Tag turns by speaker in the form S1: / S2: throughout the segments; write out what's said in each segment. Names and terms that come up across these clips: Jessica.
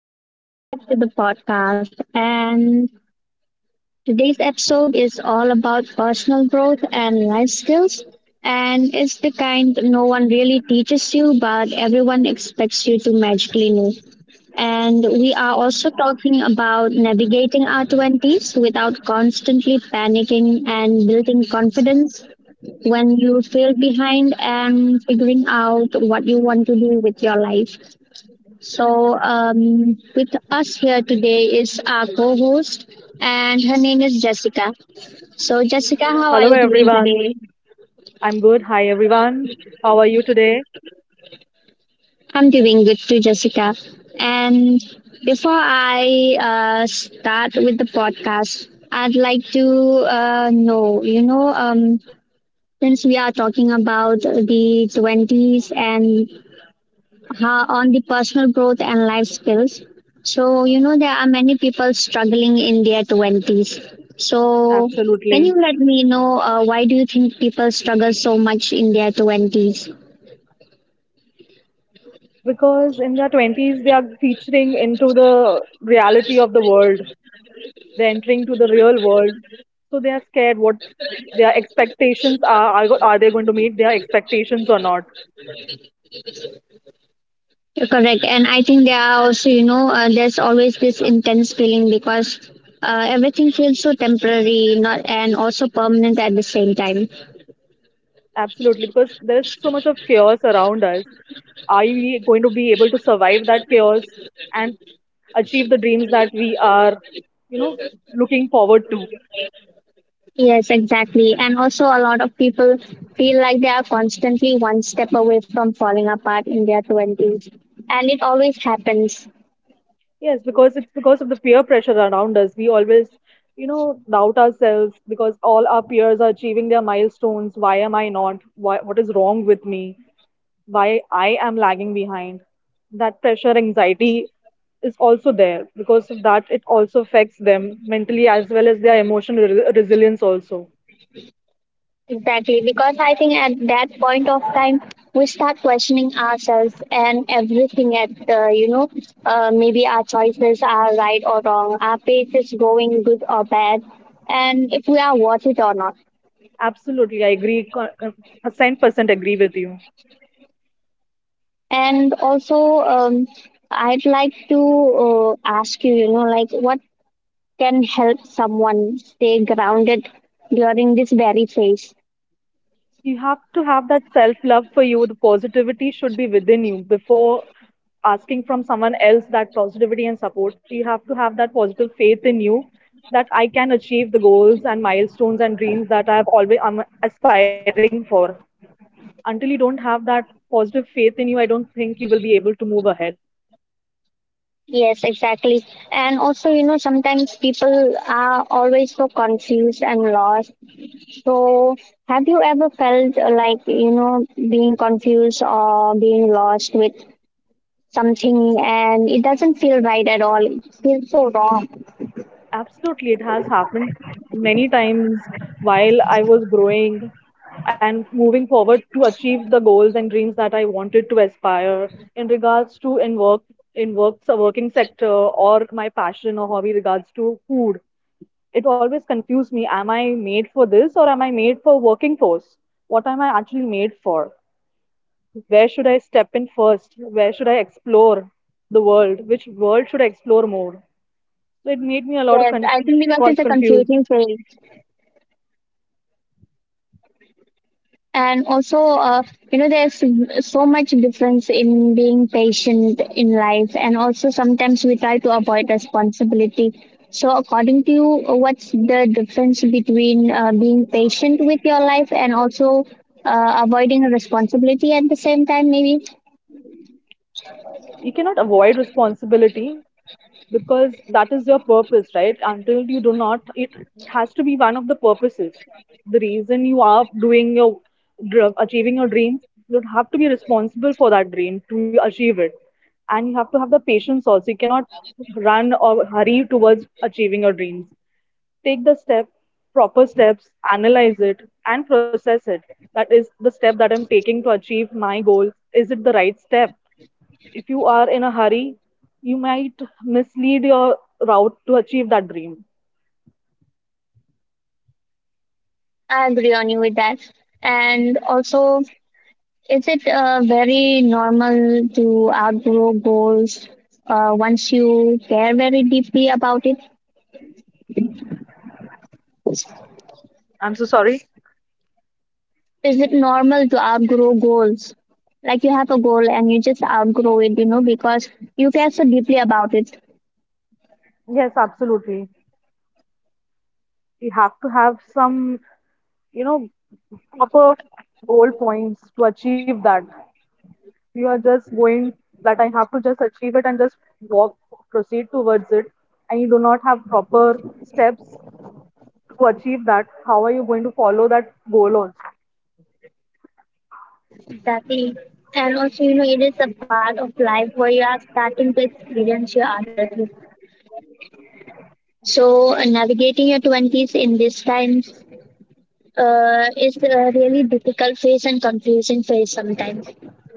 S1: and welcome back to the podcast. And today's episode is all about personal growth and life skills. And it's the kind no one really teaches you, but everyone expects you to magically know. And we are also talking about navigating our 20s without constantly panicking and building confidence when you feel behind and figuring out what you want to do with your life. With us here today is our co host, and her name is Jessica. So, Jessica, how are
S2: Hello,
S1: you doing
S2: everyone.
S1: today?
S2: I'm good. Hi, everyone. How are you today?
S1: I'm doing good too, Jessica. And before I start with the podcast, I'd like to know, since we are talking about the 20s and on the personal growth and life skills. So, you know, there are many people struggling in their 20s. So, can
S2: Absolutely.
S1: you let me know why do you think people struggle so much in their 20s?
S2: Because in their 20s, they are featuring into the reality of the world. They're entering to the real world. So they are scared what their expectations are. Are they going to meet their expectations or not?
S1: Correct. And I think there are also, there's always this intense feeling because everything feels so temporary not and also permanent at the same time.
S2: Absolutely. Because there is so much of chaos around us. Are we going to be able to survive that chaos and achieve the dreams that we are, you know, looking forward to?
S1: Yes, exactly. And also, a lot of people feel like they are constantly one step away from falling apart in their 20s. And it always happens.
S2: Yes, because it's because of the peer pressure around us. We always, doubt ourselves because all our peers are achieving their milestones. Why am I not? Why, what is wrong with me? Why I am lagging behind? That pressure, anxiety is also there. Because of that, it also affects them mentally as well as their emotional resilience also.
S1: Exactly. Because I think at that point of time, we start questioning ourselves and everything maybe our choices are right or wrong, our pace is going good or bad, and if we are worth it or not.
S2: Absolutely, I agree. A cent percent agree with you.
S1: And also, um, I'd like to ask you, you know, like what can help someone stay grounded during this very phase.
S2: You have to have that self love for you. The positivity should be within you before asking from someone else that positivity and support. You have to have that positive faith in you that I can achieve the goals and milestones and dreams that I'm aspiring for. Until you don't have that positive faith in you, I don't think you will be able to move ahead.
S1: Yes, exactly. And also, you know, sometimes people are always so confused and lost. So, have you ever felt like, you know, being confused or being lost with something and it doesn't feel right at all? It feels so wrong.
S2: Absolutely, it has happened many times while I was growing and moving forward to achieve the goals and dreams that I wanted to aspire in regards to in work in works a working sector or my passion or hobby regards to food. It always confused me. Am I made for this or am I made for working force? What am I actually made for? Where should I step in first? Where should I explore the world? Which world should I explore more? So it made me a lot of
S1: Yes, I think because it's
S2: got
S1: a
S2: confused.
S1: confusing phase. And also you know, there's so much difference in being patient in life, and also sometimes we try to avoid responsibility. So according to you, what's the difference between being patient with your life and also avoiding responsibility at the same time, maybe?
S2: You cannot avoid responsibility because that is your purpose, right? Until you do not, it has to be one of the purposes, the reason you are doing your achieving your dreams. You have to be responsible for that dream to achieve it, and you have to have the patience also. You cannot run or hurry towards achieving your dreams. Take the step proper steps, analyze it, and process it. That is the step that I'm taking to achieve my goals. Is it the right step? If you are in a hurry, you might mislead your route to achieve that dream.
S1: I agree on you with that. And also, is it very normal to outgrow goals once you care very deeply about it?
S2: I'm so sorry.
S1: Is it normal to outgrow goals? Like you have a goal and you just outgrow it, you know, because you care so deeply about it.
S2: Yes, absolutely. You have to have some, you know proper goal points to achieve that. You are just going that I have to just achieve it and just walk, proceed towards it, and you do not have proper steps to achieve that. How are you going to follow that goal also?
S1: Exactly. And also, you know, it is a part of life where you are starting to experience your adulthood. So navigating your 20s in these times is a really difficult phase and confusing phase sometimes.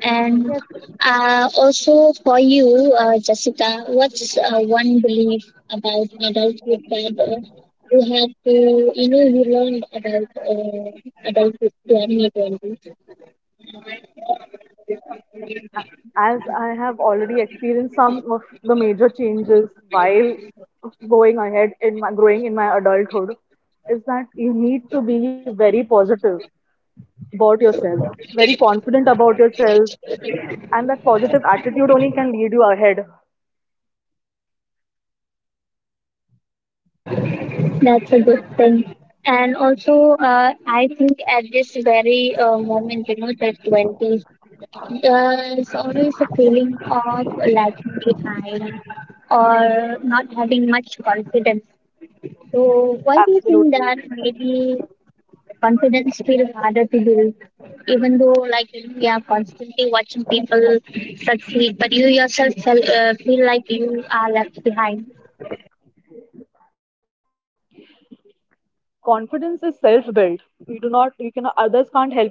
S1: And
S2: Yes,
S1: also for you, Jessica, what's one belief about adulthood that you had to, you know, you learned about adulthood during your 20s?
S2: as I have already experienced some of the major changes while going ahead in my growing in my adulthood, is that you need to be very positive about yourself, very confident about yourself, and that positive attitude only can lead you ahead.
S1: That's a good thing. And also, I think at this very moment, you know, the 20s, it's always a feeling of lagging behind or not having much confidence. So, why do you think
S2: Absolutely.
S1: that maybe confidence feels harder to build, even though, like, you know, we are constantly watching people succeed, but you yourself feel like you are left behind?
S2: Confidence is self built. You do not, you can, Others can't help you to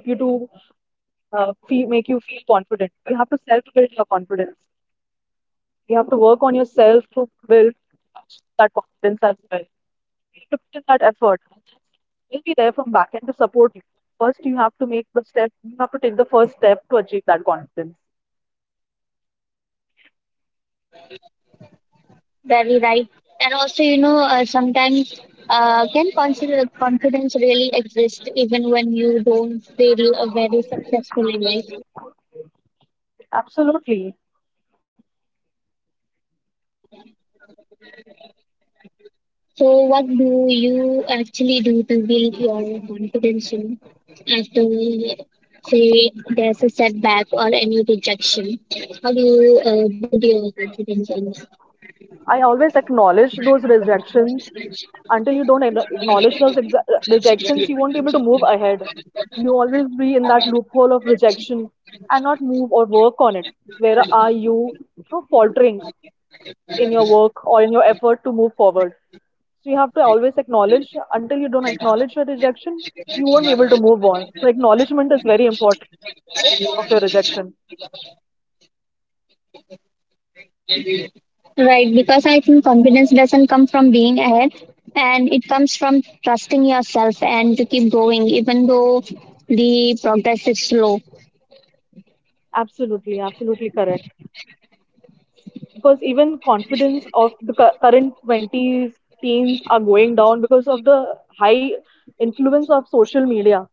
S2: make you feel confident. You have to self build your confidence. You have to work on yourself to build that confidence as well. You have to put in that effort, we'll be there from back end to support you. First, you have to make the step. You have to take the first step to achieve that confidence.
S1: Very right. And also, you know, sometimes can consider confidence really exist even when you don't feel very successful in life?
S2: Absolutely.
S1: So, what do you actually do to build your confidence in after, say, there's a setback or any rejection? How do you build your confidence in?
S2: I always acknowledge those rejections. Until you don't acknowledge those rejections, you won't be able to move ahead. You always be in that loophole of rejection and not move or work on it. Where are you, faltering in your work or in your effort to move forward? So you have to always acknowledge. Until you don't acknowledge your rejection, you won't be able to move on. So acknowledgement is very important of your rejection.
S1: Right, because I think confidence doesn't come from being ahead, and it comes from trusting yourself and to keep going even though the progress is slow.
S2: Absolutely, absolutely correct. Because even confidence of the current 20s teens are going down because of the high influence of social media.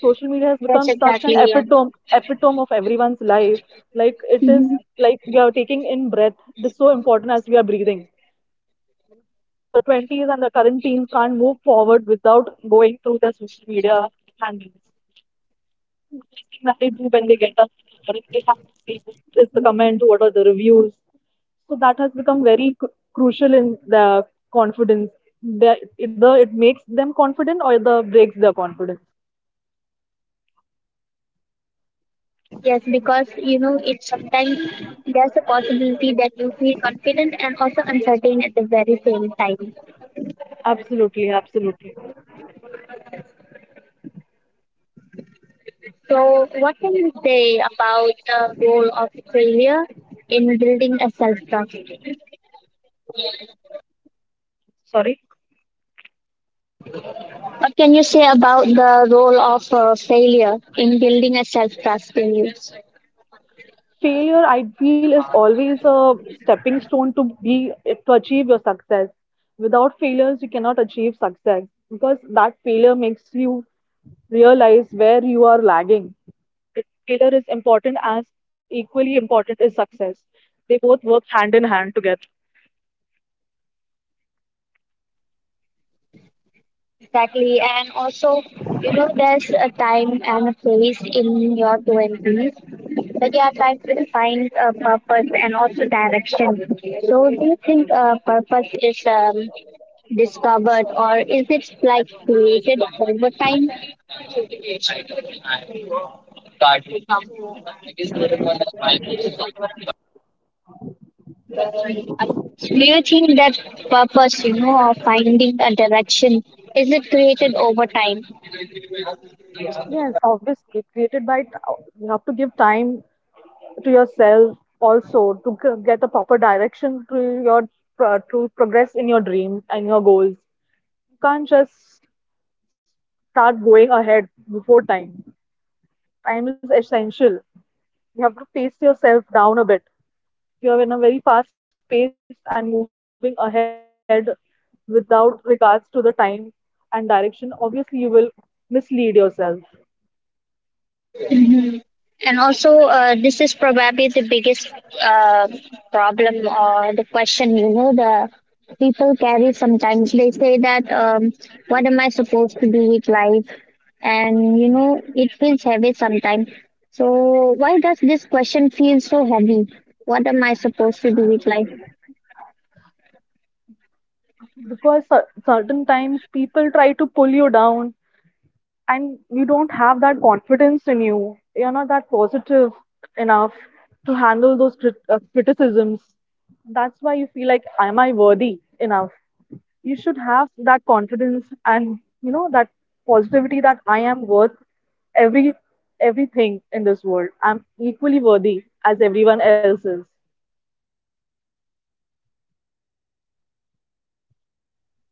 S2: Social media has
S1: That's
S2: become such
S1: exactly,
S2: an
S1: yeah.
S2: epitome of everyone's life. Like it is
S1: Mhm.
S2: like we are taking in breath. It is so important as we are breathing. The 20s and the current teens can't move forward without going through their social media handles. First thing that they do when they get up, or if they have to see, is the comment, what are the reviews. So that has become very crucial in their confidence. They, either it makes them confident or either breaks their confidence.
S1: Yes, because you know it sometimes there's a possibility that you feel confident and also uncertain at the very same time.
S2: Absolutely, absolutely.
S1: So, what can you say about the role of failure in building a self trust?
S2: Sorry.
S1: What can you say about the role of failure in building a self trust in you?
S2: Failure I feel is always a stepping stone to be, to achieve your success. Without failures you cannot achieve success, because that failure makes you realize where you are lagging. Failure is important as equally important is success. They both work hand in hand together.
S1: Exactly, and also, you know, there's a time and a place in your 20s that you are trying to find a purpose and also direction. So, do you think purpose is discovered or is it like created over time? Do you think that purpose, you know, of finding a direction, is it created over time?
S2: Yes, obviously created. By you have to give time to yourself also to get a proper direction to your to progress in your dreams and your goals. You can't just start going ahead before time. Time is essential. You have to pace yourself down a bit. You're in a very fast pace and moving ahead without regards to the time and direction. Obviously, you will mislead yourself.
S1: And also, this is probably the biggest uh, problem or the question, you know, the people carry sometimes. They say that, what am I supposed to do with life? And, you know, it feels heavy sometimes. So, why does this question feel so heavy? What am I supposed to do with life?
S2: Because certain times people try to pull you down and you don't have that confidence in you. You're not that positive enough to handle those criticisms. That's why you feel like, am I worthy enough? You should have that confidence and you know that positivity that I am worth every everything in this world. I'm equally worthy as everyone else is.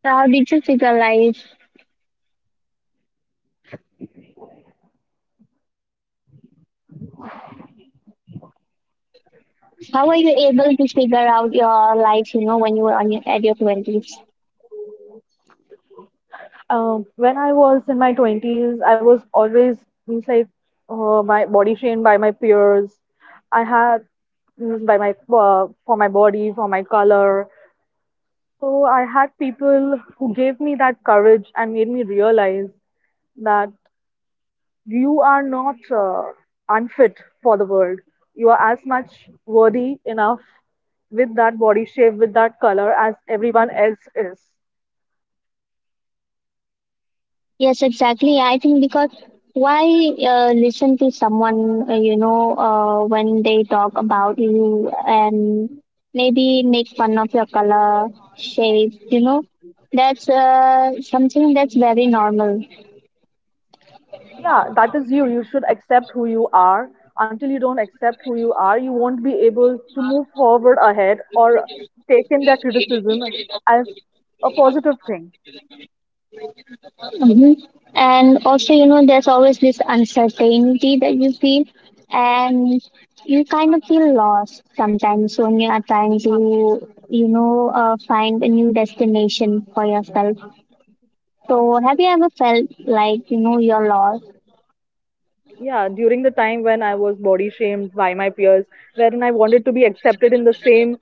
S1: So, how did you figure life? How were you able to figure out your life, you know, when you were on your, at your 20s?
S2: When I was in my 20s, I was always means like my body shamed by my peers. I had means by my for my body, for my color. So I had people who gave me that courage and made me realize that you are not unfit for the world. You are as much worthy enough with that body shape, with that color as everyone else is.
S1: Yes, exactly. I think because why listen to someone when they talk about you and maybe make fun of your color, shape, you know, that's something that's very normal.
S2: Yeah, that is you. You should accept who you are. Until you don't accept who you are, you won't be able to move forward ahead or take in that criticism as a positive thing.
S1: Hmm. And also, you know, there's always this uncertainty that you feel, and you kind of feel lost sometimes when you are trying to, you know, find a new destination for yourself. So, have you ever felt like you know you're lost?
S2: Yeah, during the time when I was body shamed by my peers, wherein I wanted to be accepted in the same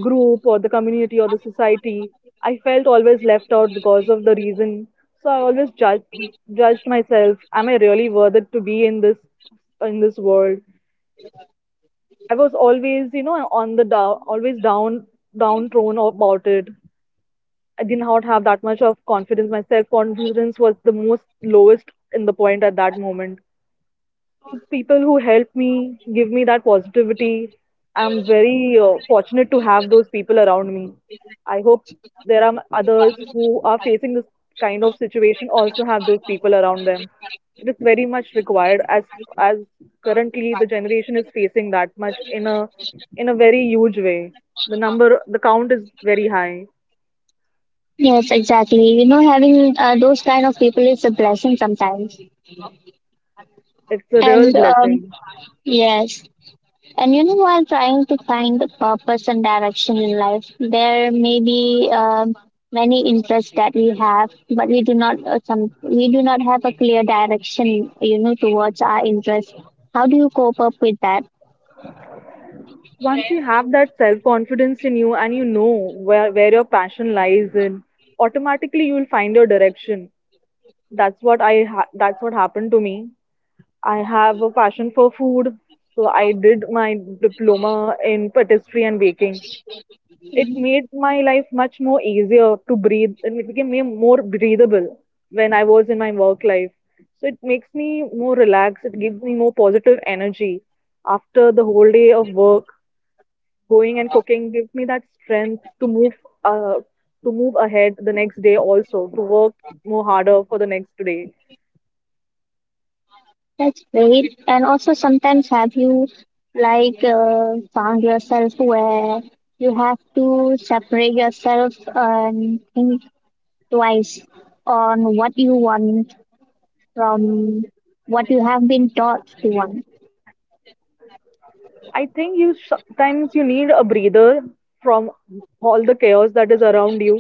S2: group or the community or the society, I felt always left out because of the reason. So I always judged myself. Am I really worth it to be in this world? I was always, on the down, downtrodden about it. I did not have that much of confidence. My self confidence was the most lowest in the point at that moment. Those people who help me, give me that positivity. I'm very fortunate to have those people around me. I hope there are others who are facing this kind of situation also have those people around them. It is very much required as as currently the generation is facing that much in a very huge way. The number the count is very high.
S1: Yes, exactly. You know, having those kind of people is a blessing sometimes.
S2: It's a real
S1: And um,
S2: blessing.
S1: yes, and you know, while trying to find the purpose and direction in life, there may be many interests that we have, but we do not have a clear direction, you know, towards our interests. How do you cope up with that?
S2: Once you have that self confidence in you and you know where your passion lies in, automatically you will find your direction. That's what that's what happened to me. I have a passion for food, so I did my diploma in patisserie and baking. It made my life much more easier to breathe, and it became me more breathable. When I was in my work life, so it makes me more relaxed, it gives me more positive energy. After the whole day of work, going and cooking gives me that strength to move, uh, to move ahead the next day also, to work more harder for the next day.
S1: That's great. And also, sometimes have you found yourself where you have to separate yourself and think twice on what you want from what you have been taught to want?
S2: I think you sometimes you need a breather from all the chaos that is around you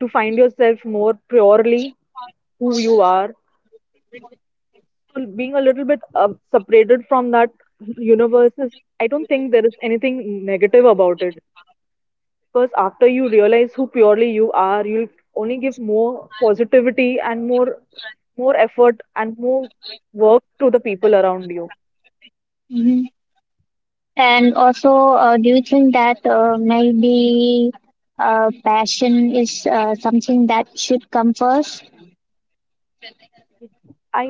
S2: to find yourself more purely who you are. So being a little bit separated from that universe is, I don't think there is anything negative about it. Because after you realize who purely you are, you'll only give more positivity and more, more effort and more work to the people around you.
S1: Mhm. And also, do you think that maybe passion is something that should come first?
S2: I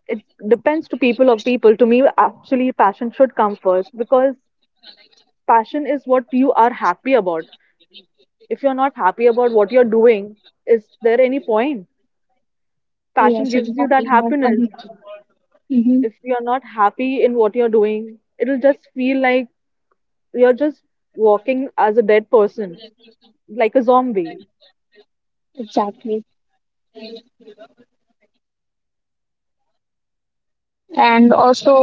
S2: it depends to people of people. To me, actually passion should come first, because passion is what you are happy about. If you're not happy about what you're doing, is there any point? Passion
S1: Yes,
S2: gives you that
S1: exactly. No
S2: happiness.
S1: point. Mm-hmm.
S2: If you're not happy in what you're doing, it'll just feel like you're just walking as a dead person, like a zombie.
S1: Exactly. And also,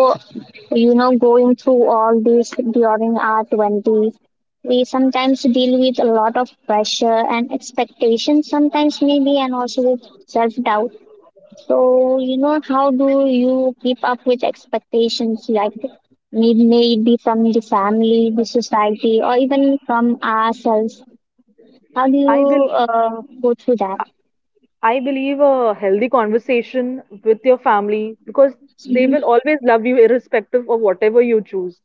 S1: you know, going through all this during our 20s, we sometimes deal with a lot of pressure and expectations sometimes, maybe, and also with self doubt. So, you know, how do you keep up with expectations, like maybe from the family, the society, or even from ourselves? How do
S2: I bel
S1: you go through that?
S2: I believe a healthy conversation with your family, because they will always love you irrespective of whatever you choose.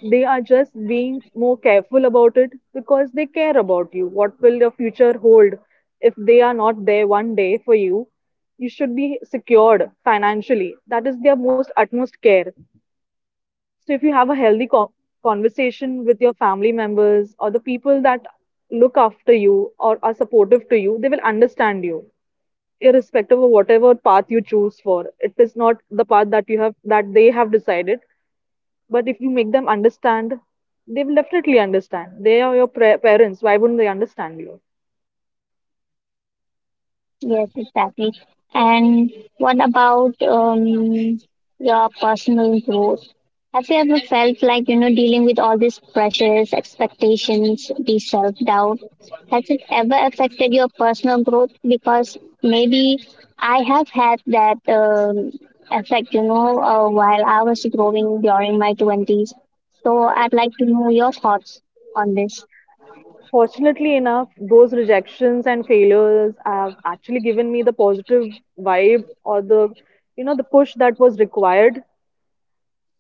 S2: They are just being more careful about it because they care about you. What will your future hold if they are not there one day for you? You should be secured financially. That is their most utmost care. So if you have a healthy conversation with your family members or the people that look after you or are supportive to you, they will understand you irrespective of whatever path you choose for. It is not the path that you have that they have decided, but if you make them understand, they will definitely understand. They are your parents. Why wouldn't they understand you?
S1: Yes, exactly. And what about your personal growth? Have you ever felt like, you know, dealing with all these pressures, expectations, the self-doubt? Has it ever affected your personal growth? Because maybe I have had that effect, you know, while I was growing during my 20s. So I'd like to know your thoughts on this.
S2: Fortunately enough, those rejections and failures have actually given me the positive vibe or the you know the push that was required.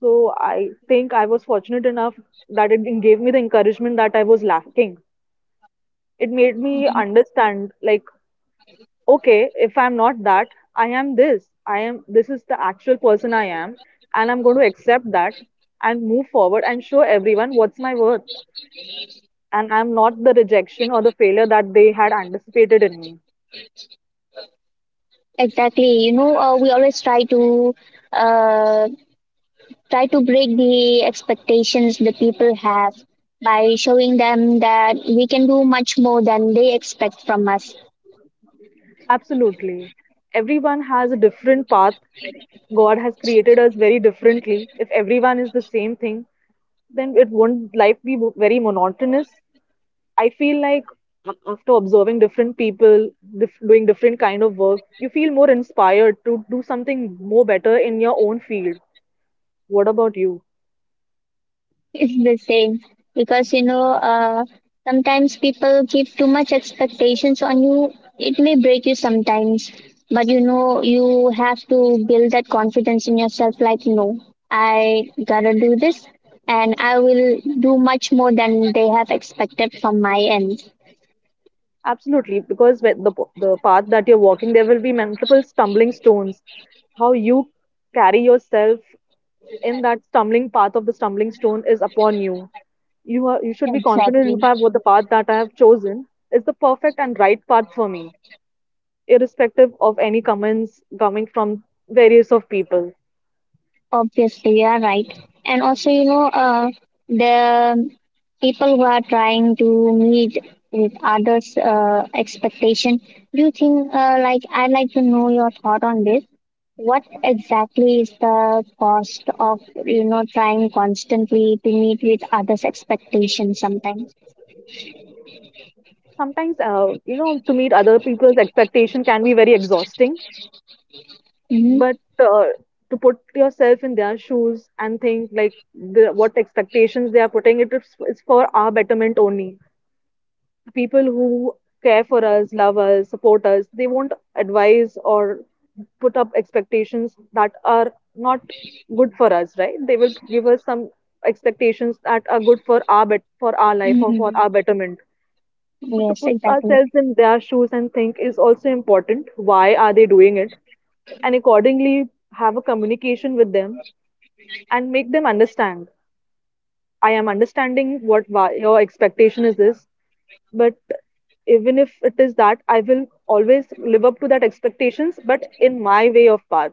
S2: So I think I was fortunate enough that it gave me the encouragement that I was lacking. It made me understand, like, okay, if I'm not that, I am this. I am this is the actual person I am, and I'm going to accept that and move forward and show everyone what's my worth. And I'm not the rejection or the failure that they had anticipated in me.
S1: Exactly. You know, we always try to uh, break the expectations the people have by showing them that we can do much more than they expect from us.
S2: Absolutely. Everyone has a different path. God has created us very differently. If everyone is the same thing, then it won't life be very monotonous. I feel like after observing different people doing different kind of work, you feel more inspired to do something more better in your own field. What about you?
S1: It's the same because you know sometimes people keep too much expectations on you. It may break you sometimes, but you know you have to build that confidence in yourself. Like no, I gotta do this, and I will do much more than they have expected from my end.
S2: Absolutely, because with the path that you're walking, there will be multiple stumbling stones. How you carry yourself in that stumbling path of the stumbling stone is upon you. You are you should be confident. In
S1: Exactly.
S2: fact, what the path that I have chosen is the perfect and right path for me, irrespective of any comments coming from various of people.
S1: Obviously, you are right. And also, you know, the people who are trying to meet with others' expectation, do you think, I'd like to know your thought on this. What exactly is the cost of, you know, trying constantly to meet with others' expectations sometimes?
S2: Sometimes, to meet other people's expectation can be very exhausting,
S1: Mm-hmm.
S2: but uh, to put yourself in their shoes and think like what expectations they are putting, it is for our betterment only. The people who care for us, love us, support us, they won't advise or put up expectations that are not good for us, right? They will give us some expectations that are good for our life or for
S1: Mm-hmm.
S2: our betterment. So to
S1: Yes,
S2: put
S1: exactly.
S2: ourselves in their shoes and think is also important, why are they doing it, and accordingly have a communication with them and make them understand. I am understanding what why your expectation is this, but even if it is that, I will always live up to that expectations, but in my way of path.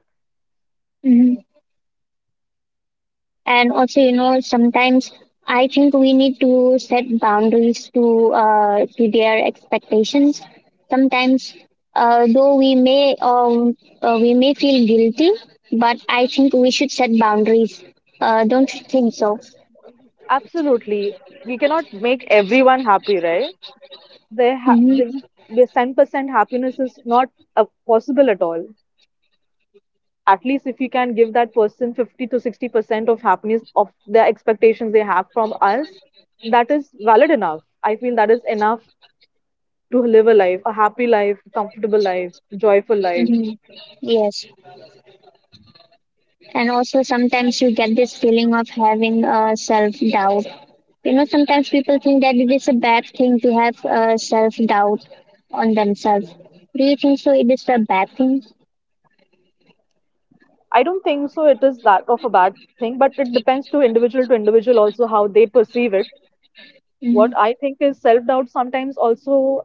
S1: Mhm. And also, you know, sometimes I think we need to set boundaries to their expectations. Sometimes, though we may feel guilty, but I think we should set boundaries. Don't you think so?
S2: Absolutely. We cannot make everyone happy, right? They ha they,
S1: Mm-hmm.
S2: the 10% happiness is not possible at all. At least if you can give that person 50 to 60% of happiness of the expectations they have from us, that is valid enough. I feel that is enough to live a life, a happy life, a comfortable life, a joyful life.
S1: Mm-hmm. Yes. And also, sometimes you get this feeling of having self doubt. You know, sometimes people think that it is a bad thing to have self doubt on themselves. Do you think so? It is a bad thing?
S2: I don't think so it is that of a bad thing, but it depends to individual also how they perceive it. What
S1: Mm,
S2: I think is self doubt sometimes also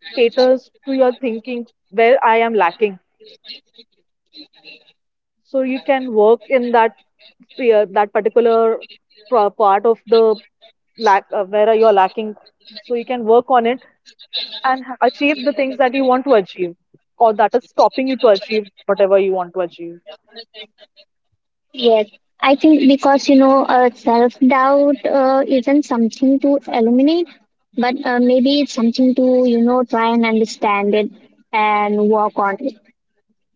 S2: caters to your thinking where I am lacking. So you can work in that sphere, that particular part of the lack, where you are lacking. So you can work on it and achieve the things that you want to achieve, or that is stopping you to achieve whatever you want to achieve.
S1: Yes, I think because you know, self doubt isn't something to eliminate, but maybe it's something to, you know, try and understand it and work on it.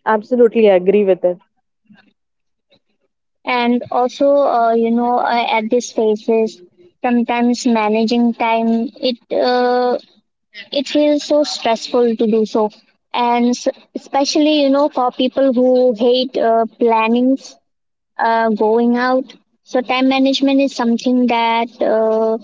S2: Absolutely, I agree with it.
S1: And also, at these phases, sometimes managing time it feels so stressful to do so, and especially you know for people who hate planning going out. So time management is something that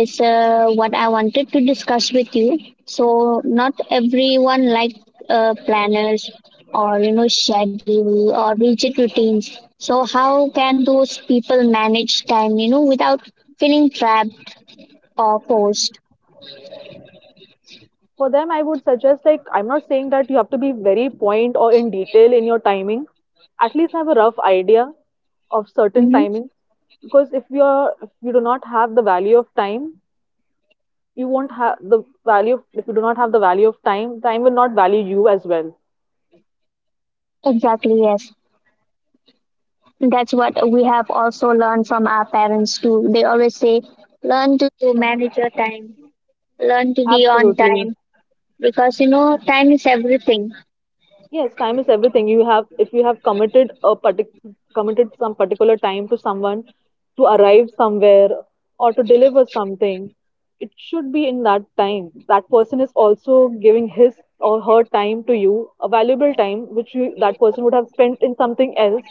S1: is what I wanted to discuss with you. So not everyone like planners or you know schedule or rigid routines. So how can those people manage time, you know, without feeling trapped or forced?
S2: For them, I would suggest like I'm not saying that you have to be very point or in detail in your timing. At least have a rough idea of certain
S1: Hmm.
S2: timing, because if you do not have the value of time, you won't have the value of if you do not have the value of time, time will not value you as well.
S1: Exactly, yes. That's what we have also learned from our parents too. They always say, learn to manage your time, learn to be on
S2: Absolutely.
S1: time, because you know time is everything.
S2: Yes, time is everything. You have, if you have committed some particular time to someone, to arrive somewhere, or to deliver something, it should be in that time. That person is also giving his or her time to you, a valuable time which that person would have spent in something else,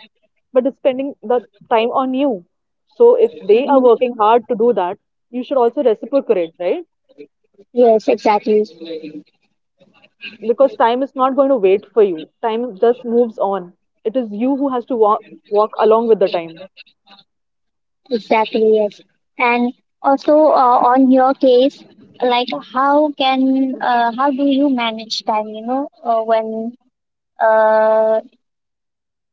S2: but is spending the time on you. So if they are working hard to do that, you should also reciprocate, right?
S1: Yes, exactly.
S2: Because time is not going to wait for you. Time just moves on. It is you who has to walk along with the time.
S1: Exactly, yes. And also, on your case, like how can how do you manage time, you know, when uh,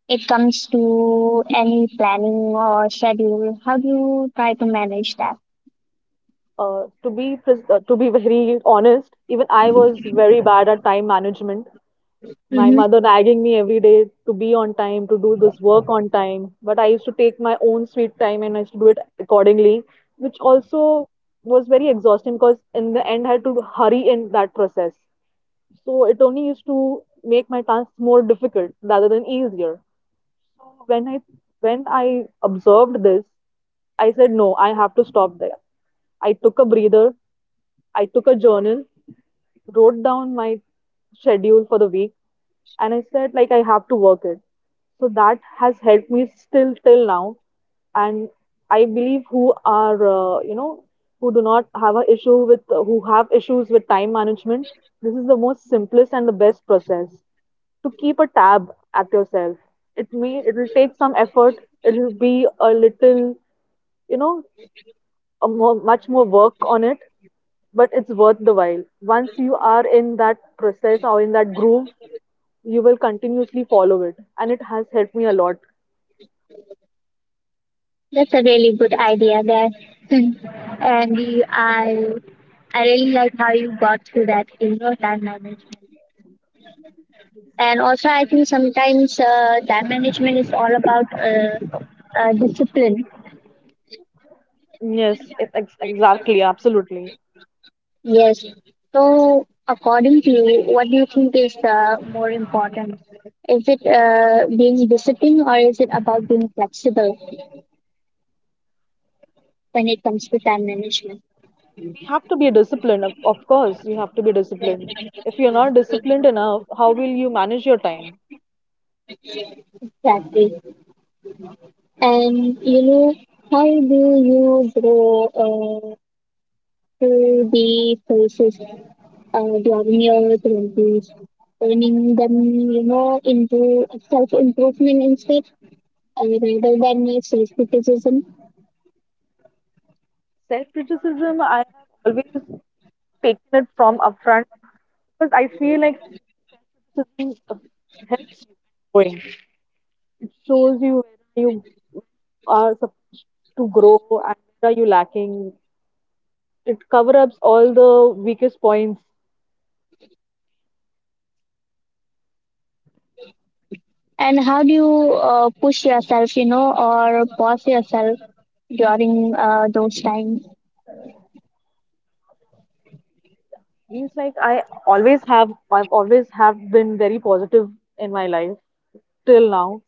S1: it comes to any planning or schedule? How do you try to manage that?
S2: To be very honest, even I was very bad at time management. My
S1: Mm-hmm.
S2: mother nagging me every day to be on time, to do this work on time. But I used to take my own sweet time and I used to do it accordingly, which also was very exhausting because in the end I had to hurry in that process. So it only used to make my tasks more difficult rather than easier. So when I observed this, I said no, I have to stop there. I took a breather, I took a journal, wrote down my schedule for the week, and I said like I have to work it. So that has helped me still till now. And I believe who are who do not have a issue with who have issues with time management, this is the most simplest and the best process to keep a tab at yourself. It'll take some effort. It'll be a little, you know much more work on it, but it's worth the while. Once you are in that process or in that groove, you will continuously follow it, and it has helped me a lot.
S1: That's a really good idea there. And I really like how you got to that in your time management. And also I think sometimes time management is all about discipline.
S2: Yes, exactly, absolutely.
S1: Yes. So according to you, what do you think is more important? Is it being disciplined, or is it about being flexible when it comes to time management?
S2: We have to be disciplined, of course, you have to be disciplined. If you're not disciplined enough, how will you manage your time?
S1: Exactly. And you know, how do you grow to the places during your 20s, turning them, you know, into self improvement instead, rather than self criticism?
S2: Self criticism, I have always taken it from upfront because I feel like self criticism helps you going. It shows you where you are supposed to grow and where are you lacking. It cover ups all the weakest points.
S1: And how do you push yourself, you know, or pause yourself during those times?
S2: Means like I've always have been very positive in my life till now,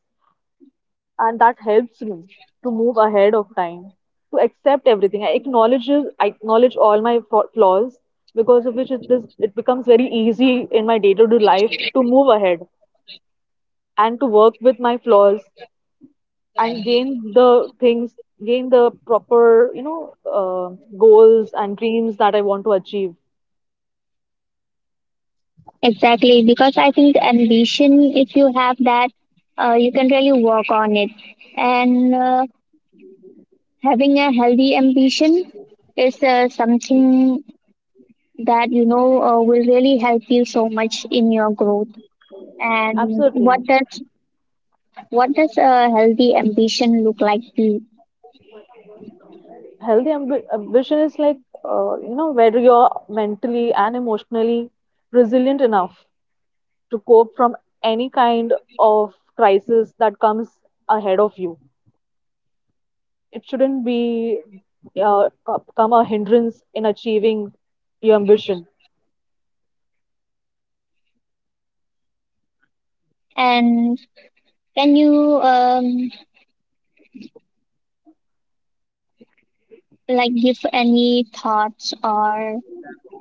S2: and that helps me to move ahead of time, to accept everything. I acknowledge all my flaws, because of which it becomes very easy in my day to day life to move ahead and to work with my flaws and gain the proper uh, goals and dreams that I want to achieve.
S1: Exactly, because I think ambition, if you have that, you can really work on it. And having a healthy ambition is something that you know will really help you so much in your growth. And what
S2: Absolutely.
S1: does, what does a healthy ambition look like to you?
S2: Healthy ambition is like, whether you're mentally and emotionally resilient enough to cope from any kind of crisis that comes ahead of you. It shouldn't become a hindrance in achieving your ambition.
S1: And can you like give any thoughts or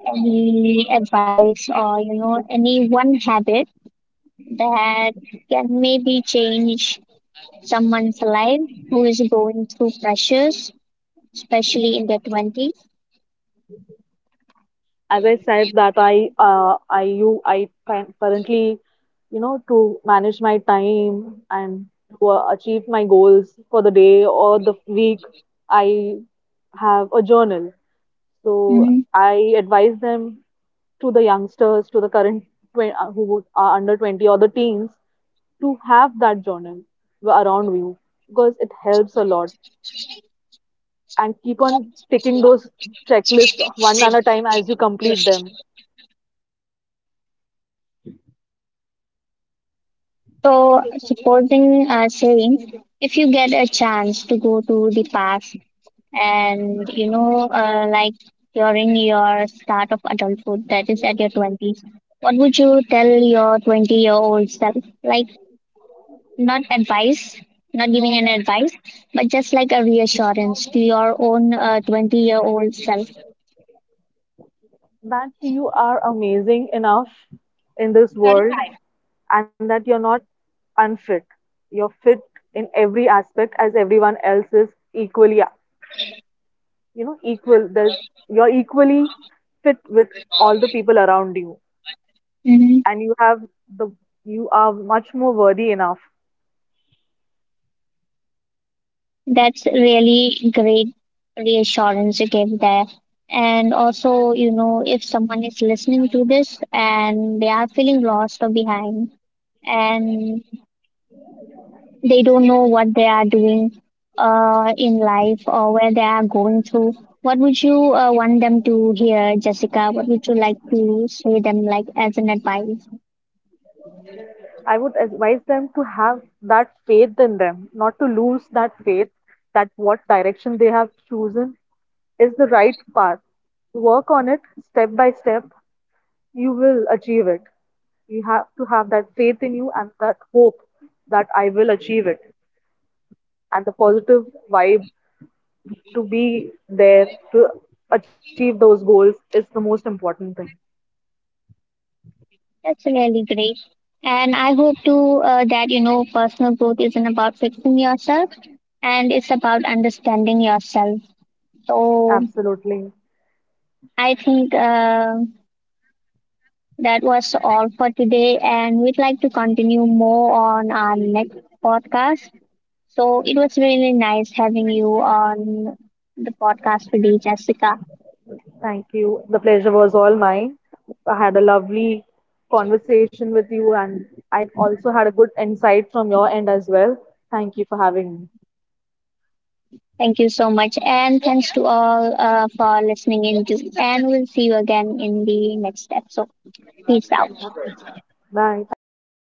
S1: any advice, or you know, any one habit that can maybe change someone's life who is going through pressures, especially in their 20s?
S2: As I said, that I currently, to manage my time and to achieve my goals for the day or the week, I have a journal. So I advise them, to the youngsters, to the current are under 20 or the teens, to have that journal around you, because it helps a lot, and keep on taking those checklists one at a time as you complete them.
S1: So, supporting saying, if you get a chance to go to the past and, you know, during your start of adulthood, that is at your 20s, what would you tell your 20-year-old self? Like, not advice, not giving an advice, but just like a reassurance to your own 20-year-old self.
S2: That you are amazing enough in this world and that you're not unfit. You're fit in every aspect as everyone else is equally, equal. There's You're equally fit with all the people around you,
S1: Mm-hmm.
S2: and you have the you are much more worthy enough.
S1: That's really great reassurance you gave there. And also, you know, if someone is listening to this and they are feeling lost or behind, and they don't know what they are doing in life or where they are going through, what would you want them to hear, Jessica? What would you like to say them like as an advice?
S2: I would advise them to have that faith in them, not to lose that faith that what direction they have chosen is the right path. Work on it step by step, you will achieve it. You have to have that faith in you and that hope that I will achieve it, and the positive vibe to be there to achieve those goals is the most important thing.
S1: That's really great. And I hope too that, you know, personal growth isn't about fixing yourself, and it's about understanding yourself. So
S2: Absolutely.
S1: I think that was all for today, and we'd like to continue more on our next podcast. So it was really nice having you on the podcast today, Jessica.
S2: Thank you. The pleasure was all mine. I had a lovely conversation with you, and I also had a good insight from your end as well. Thank you for having me.
S1: Thank you so much, and thanks to all for listening in too. And we'll see you again in the next episode. Peace out.
S2: Bye. Thank you.